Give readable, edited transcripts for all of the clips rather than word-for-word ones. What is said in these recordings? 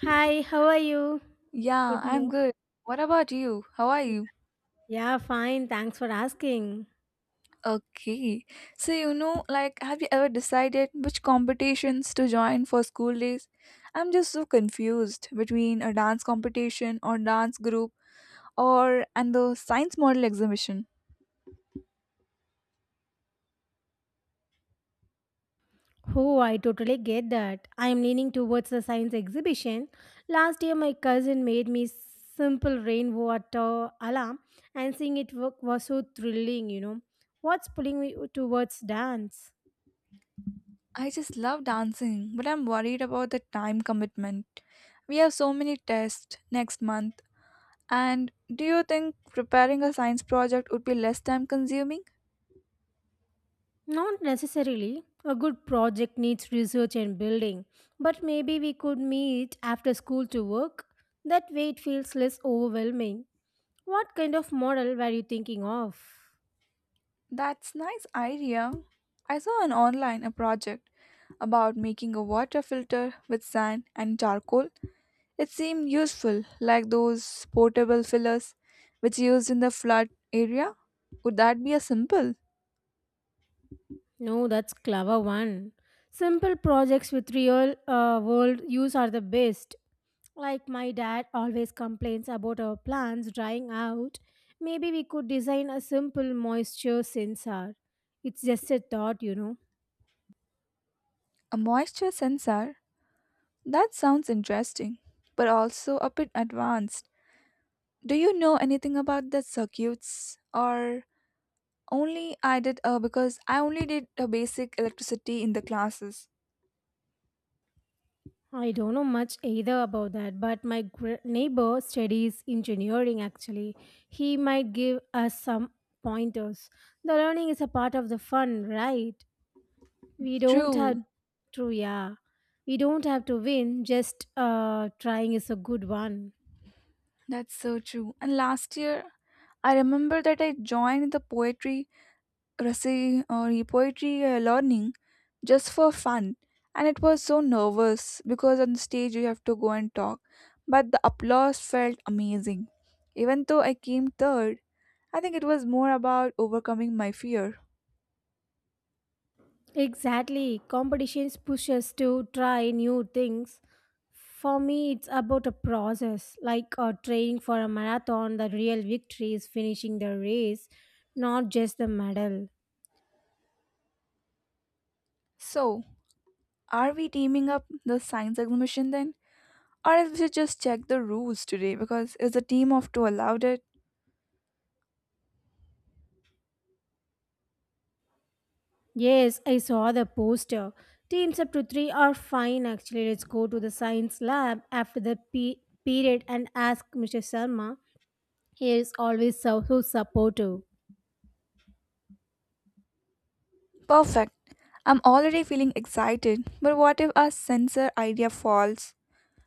Hi, how are you? Yeah, Good I'm morning. good. What about you? How are you? Yeah, fine. Thanks for asking. Okay. So, like, have you ever decided which competitions to join for school days? I'm just so confused between a dance competition or dance group or and the science model exhibition. Oh, I totally get that. I am leaning towards the science exhibition. Last year, my cousin made me simple rainwater alarm, and seeing it work was so thrilling, What's pulling me towards dance? I just love dancing, but I'm worried about the time commitment. We have so many tests next month, and do you think preparing a science project would be less time consuming? Not necessarily. A good project needs research and building, but maybe we could meet after school to work. That way, it feels less overwhelming. What kind of model were you thinking of? That's nice idea. I saw an online a project about making a water filter with sand and charcoal. It seemed useful, like those portable fillers which used in the flood area. Would that be a simple? No, that's clever one. Simple projects with real world use are the best. Like my dad always complains about our plants drying out. Maybe we could design a simple moisture sensor. It's just a thought. A moisture sensor? That sounds interesting, but also a bit advanced. Do you know anything about the circuits or only I did because I only did a basic electricity in the classes. I don't know much either about that, but my neighbor studies engineering actually. He might give us some pointers. The learning is a part of the fun, right? we don't have True. to yeah we don't have to win, just trying is a good one. That's so true. And last year, I remember that I joined the poetry reci- or poetry learning just for fun, and it was so nervous because on the stage you have to go and talk. But the applause felt amazing. Even though I came third, I think it was more about overcoming my fear. Exactly, competitions push us to try new things. For me, it's about a process, like training for a marathon. The real victory is finishing the race, not just the medal. So, are we teaming up the science exhibition then? Or else we should just check the rules today because is the team of two allowed it? Yes, I saw the poster. Teams up to three are fine actually. Let's go to the science lab after the period and ask Mr. Sharma. He is always so, so supportive. Perfect. I'm already feeling excited, but what if our sensor idea falls?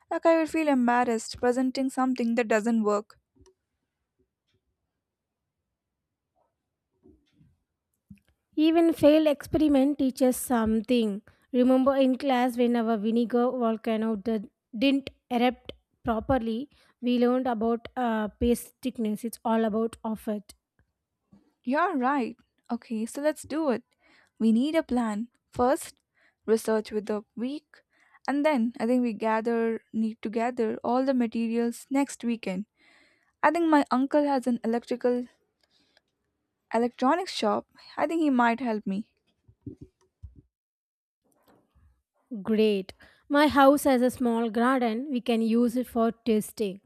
Like I would feel embarrassed presenting something that doesn't work. Even failed experiment teaches something. Remember in class when our vinegar volcano didn't erupt properly, we learned about paste thickness. It's all about effort. You're right. Okay, so let's do it. We need a plan. First, research with the week, and then I think we gather need to gather all the materials next weekend. I think my uncle has an electrical electronics shop. I think he might help me. Great. My house has a small garden. We can use it for testing.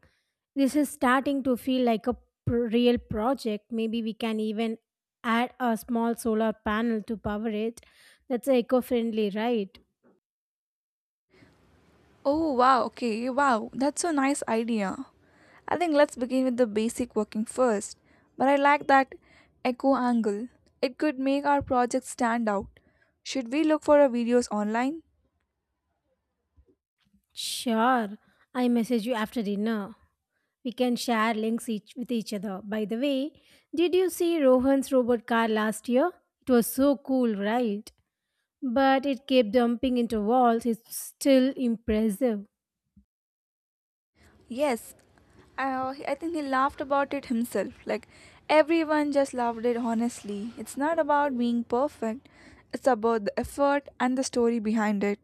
This is starting to feel like a real project. Maybe we can even add a small solar panel to power it. That's eco-friendly, right? Oh wow, okay, wow. That's a nice idea. I think let's begin with the basic working first. But I like that echo angle. It could make our project stand out. Should we look for our videos online? Sure, I message you after dinner. We can share links each with each other. By the way, did you see Rohan's robot car last year? It was so cool, right? But it kept dumping into walls. It's still impressive. Yes. I, I think he laughed about it himself. Like everyone just loved it honestly. It's not about being perfect, it's about the effort and the story behind it.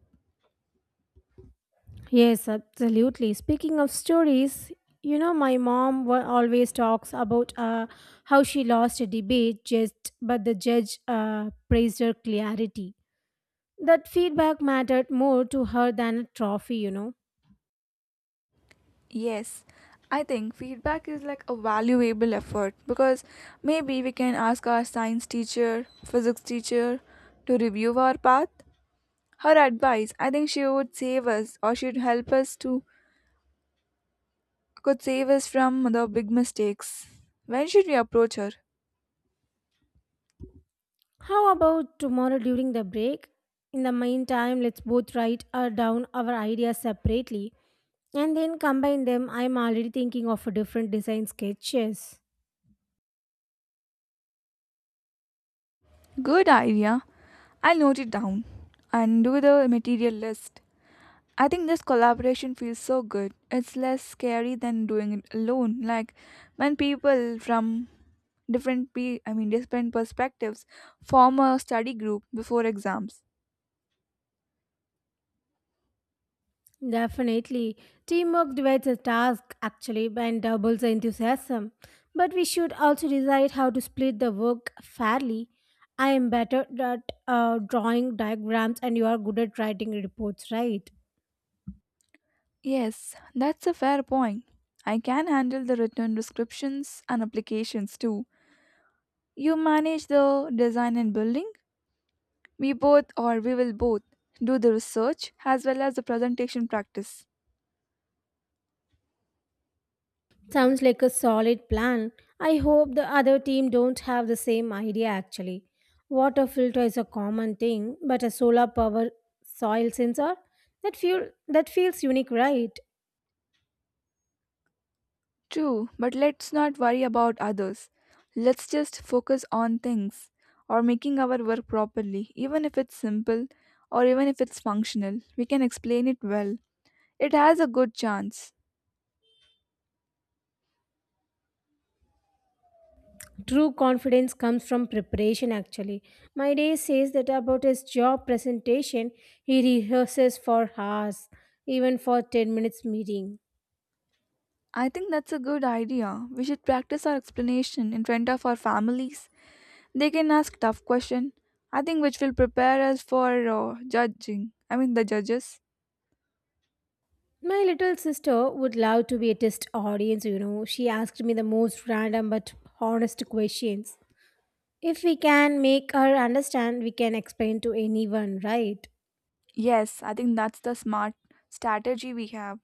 Yes, absolutely. Speaking of stories, you know, my mom always talks about how she lost a debate just, but the judge praised her clarity. That feedback mattered more to her than a trophy. Yes, I think feedback is like a valuable effort because maybe we can ask our science teacher, physics teacher to review our path. Her advice, I think she would save us or she'd help us to could save us from the big mistakes. When should we approach her? How about tomorrow during the break? In the meantime, let's both write down our ideas separately and then combine them. I'm already thinking of a different design sketches. Good idea. I'll note it down and do the material list. I think this collaboration feels so good. It's less scary than doing it alone. Like when people from I mean different perspectives form a study group before exams. Definitely. Teamwork divides the task actually and doubles the enthusiasm. But we should also decide how to split the work fairly. I am better at drawing diagrams and you are good at writing reports, right? Yes, that's a fair point. I can handle the written descriptions and applications too. You manage the design and building. We both or we will both do the research as well as the presentation practice. Sounds like a solid plan. I hope the other team don't have the same idea actually. Water filter is a common thing, but a solar power soil sensor that feels unique, right? True, but let's not worry about others. Let's just focus on things or making our work properly, even if it's simple or even if it's functional. We can explain it well. It has a good chance. True confidence comes from preparation actually. My day says that about his job presentation, he rehearses for hours, even for 10 minutes meeting. I think that's a good idea. We should practice our explanation in front of our families. They can ask tough questions. I think which will prepare us for judging. I mean the judges. My little sister would love to be a test audience. She asked me the most random but honest questions. If we can make her understand, we can explain to anyone, right? Yes, I think that's the smart strategy we have.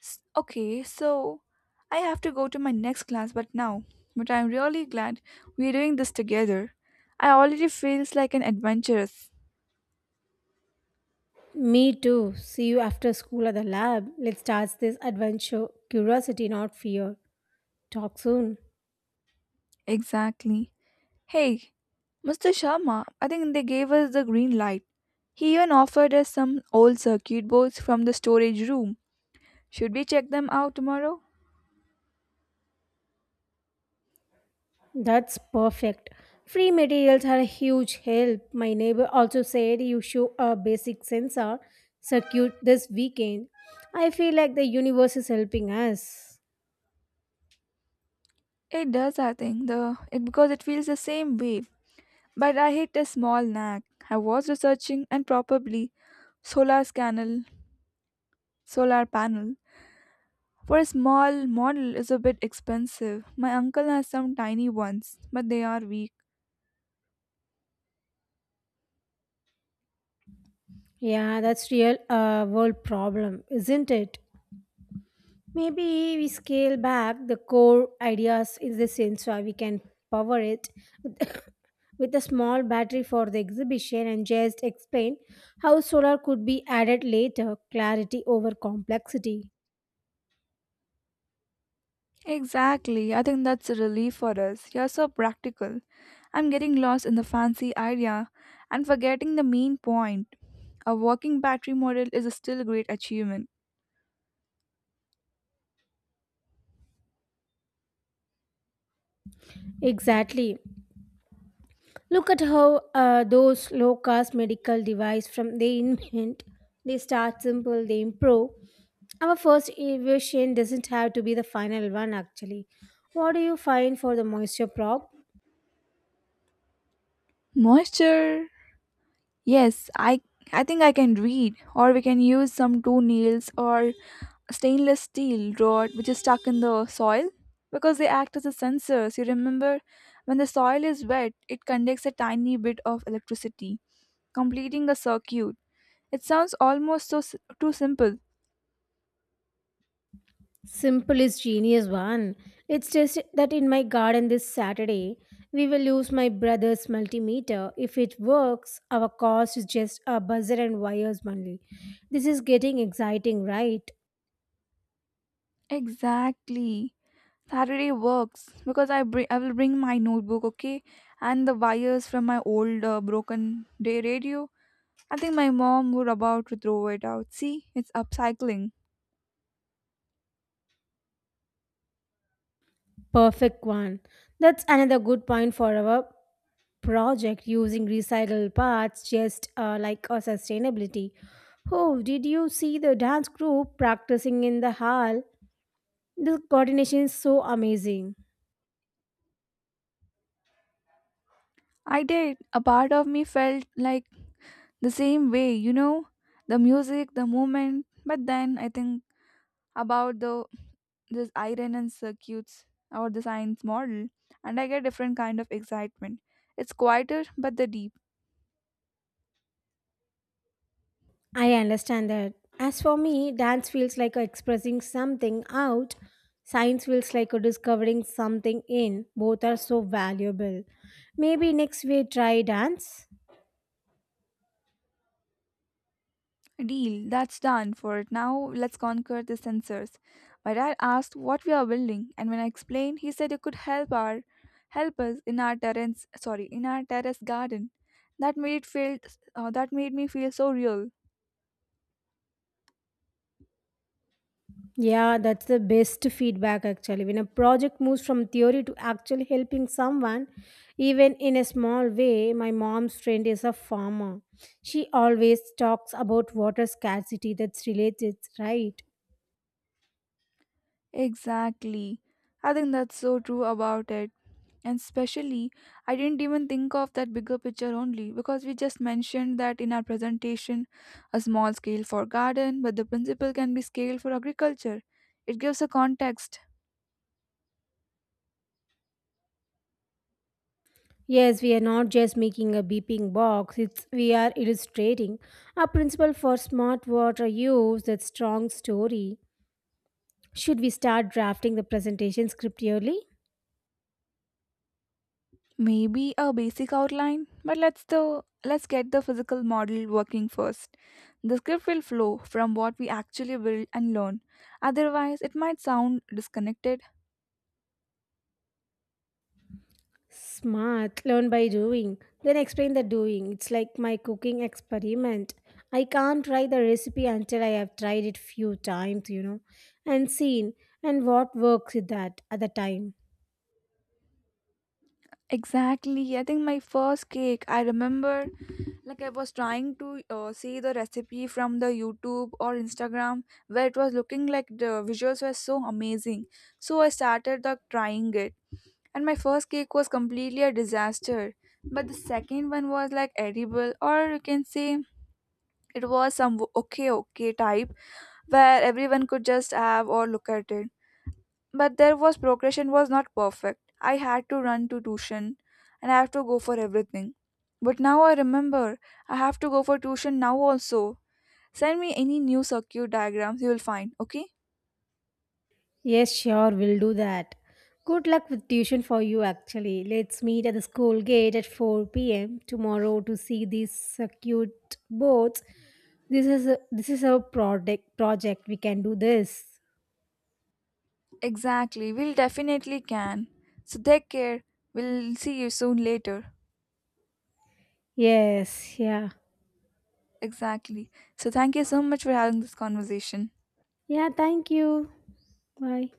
Okay, so I have to go to my next class but now. But I'm really glad we're doing this together. I already feels like an adventurous. Me too. See you after school at the lab. Let's start this adventure. Curiosity, not fear. Talk soon. Exactly. Hey, Mr. Sharma, I think they gave us the green light. He even offered us some old circuit boards from the storage room. Should we check them out tomorrow? That's perfect. Free materials are a huge help. My neighbor also said you show a basic sensor circuit this weekend. I feel like the universe is helping us. It does, I think, the it because it feels the same way. But I hit a small knack. I was researching and probably solar panel, solar panel. For a small model is a bit expensive. My uncle has some tiny ones, but they are weak. Yeah, that's real world problem, isn't it? Maybe we scale back the core ideas in the sense where we can power it with, with a small battery for the exhibition and just explain how solar could be added later, clarity over complexity. Exactly. I think that's a relief for us. You're so practical. I'm getting lost in the fancy idea and forgetting the main point. A working battery model is a still great achievement. Exactly. Look at how those low cost medical device from they invent, they start simple, they improve. Our first innovation doesn't have to be the final one actually. What do you find for the moisture prop? Moisture. Yes, I think I can read or we can use some two nails or stainless steel rod which is stuck in the soil because they act as a sensors. You remember when the soil is wet, it conducts a tiny bit of electricity, completing a circuit. It sounds almost too simple. Simple is genius one. It's just that in my garden this Saturday, we will use my brother's multimeter. If it works, our cost is just a buzzer and wires only. This is getting exciting, right? Exactly. Saturday works because I will bring my notebook, okay, and the wires from my old broken day radio. I think my mom were about to throw it out. See, it's upcycling. Perfect one. That's another good point for our project using recycled parts, just like a sustainability. Oh, did you see the dance group practicing in the hall? The coordination is so amazing. I did. A part of me felt like the same way, you know, the music, the moment. But then I think about the this iron and circuits or the science model and I get different kind of excitement. It's quieter but the deep I understand that. As for me, dance feels like expressing something out, science feels like discovering something in. Both are so valuable. Maybe next we try dance. deal that's done for it. Now let's conquer the sensors. My dad asked what we are building and when I explained he said it could help us in our terrace garden. That made it feel that made me feel so real. Yeah, that's the best feedback actually. When a project moves from theory to actually helping someone, even in a small way, my mom's friend is a farmer. She always talks about water scarcity that's related, right? Exactly. I think that's so true about it. And especially, I didn't even think of that bigger picture only because we just mentioned that in our presentation, a small scale for garden, but the principle can be scaled for agriculture. It gives a context, Yes, we are not just making a beeping box, it's, we are illustrating a principle for smart water use that strong story. Should we start drafting the presentation script yearly? maybe a basic outline, but let's get the physical model working first. The script will flow from what we actually build and learn. Otherwise, it might sound disconnected. Smart, learn by doing, then explain the doing. It's like my cooking experiment. I can't try the recipe until I have tried it few times, and seen and what works with that at the time. Exactly. I think my first cake, I remember. Like I was trying to see the recipe from the YouTube or Instagram where it was looking like the visuals were so amazing. So I started the trying it and my first cake was completely a disaster. But the second one was like edible, or you can say it was some okay okay type, where everyone could just have or look at it, but there was progression was not perfect. I had to run to tuition and I have to go for everything. But now I remember, I have to go for tuition now also. Send me any new circuit diagrams you will find, okay? Yes, sure, we'll do that. Good luck with tuition for you, actually. Let's meet at the school gate at 4 p.m. tomorrow to see these circuit boards. This is a project project. We can do this. Exactly, we'll definitely can. So take care, we'll see you soon later. Yes, yeah. Exactly. So thank you so much for having this conversation. Yeah, thank you. Bye.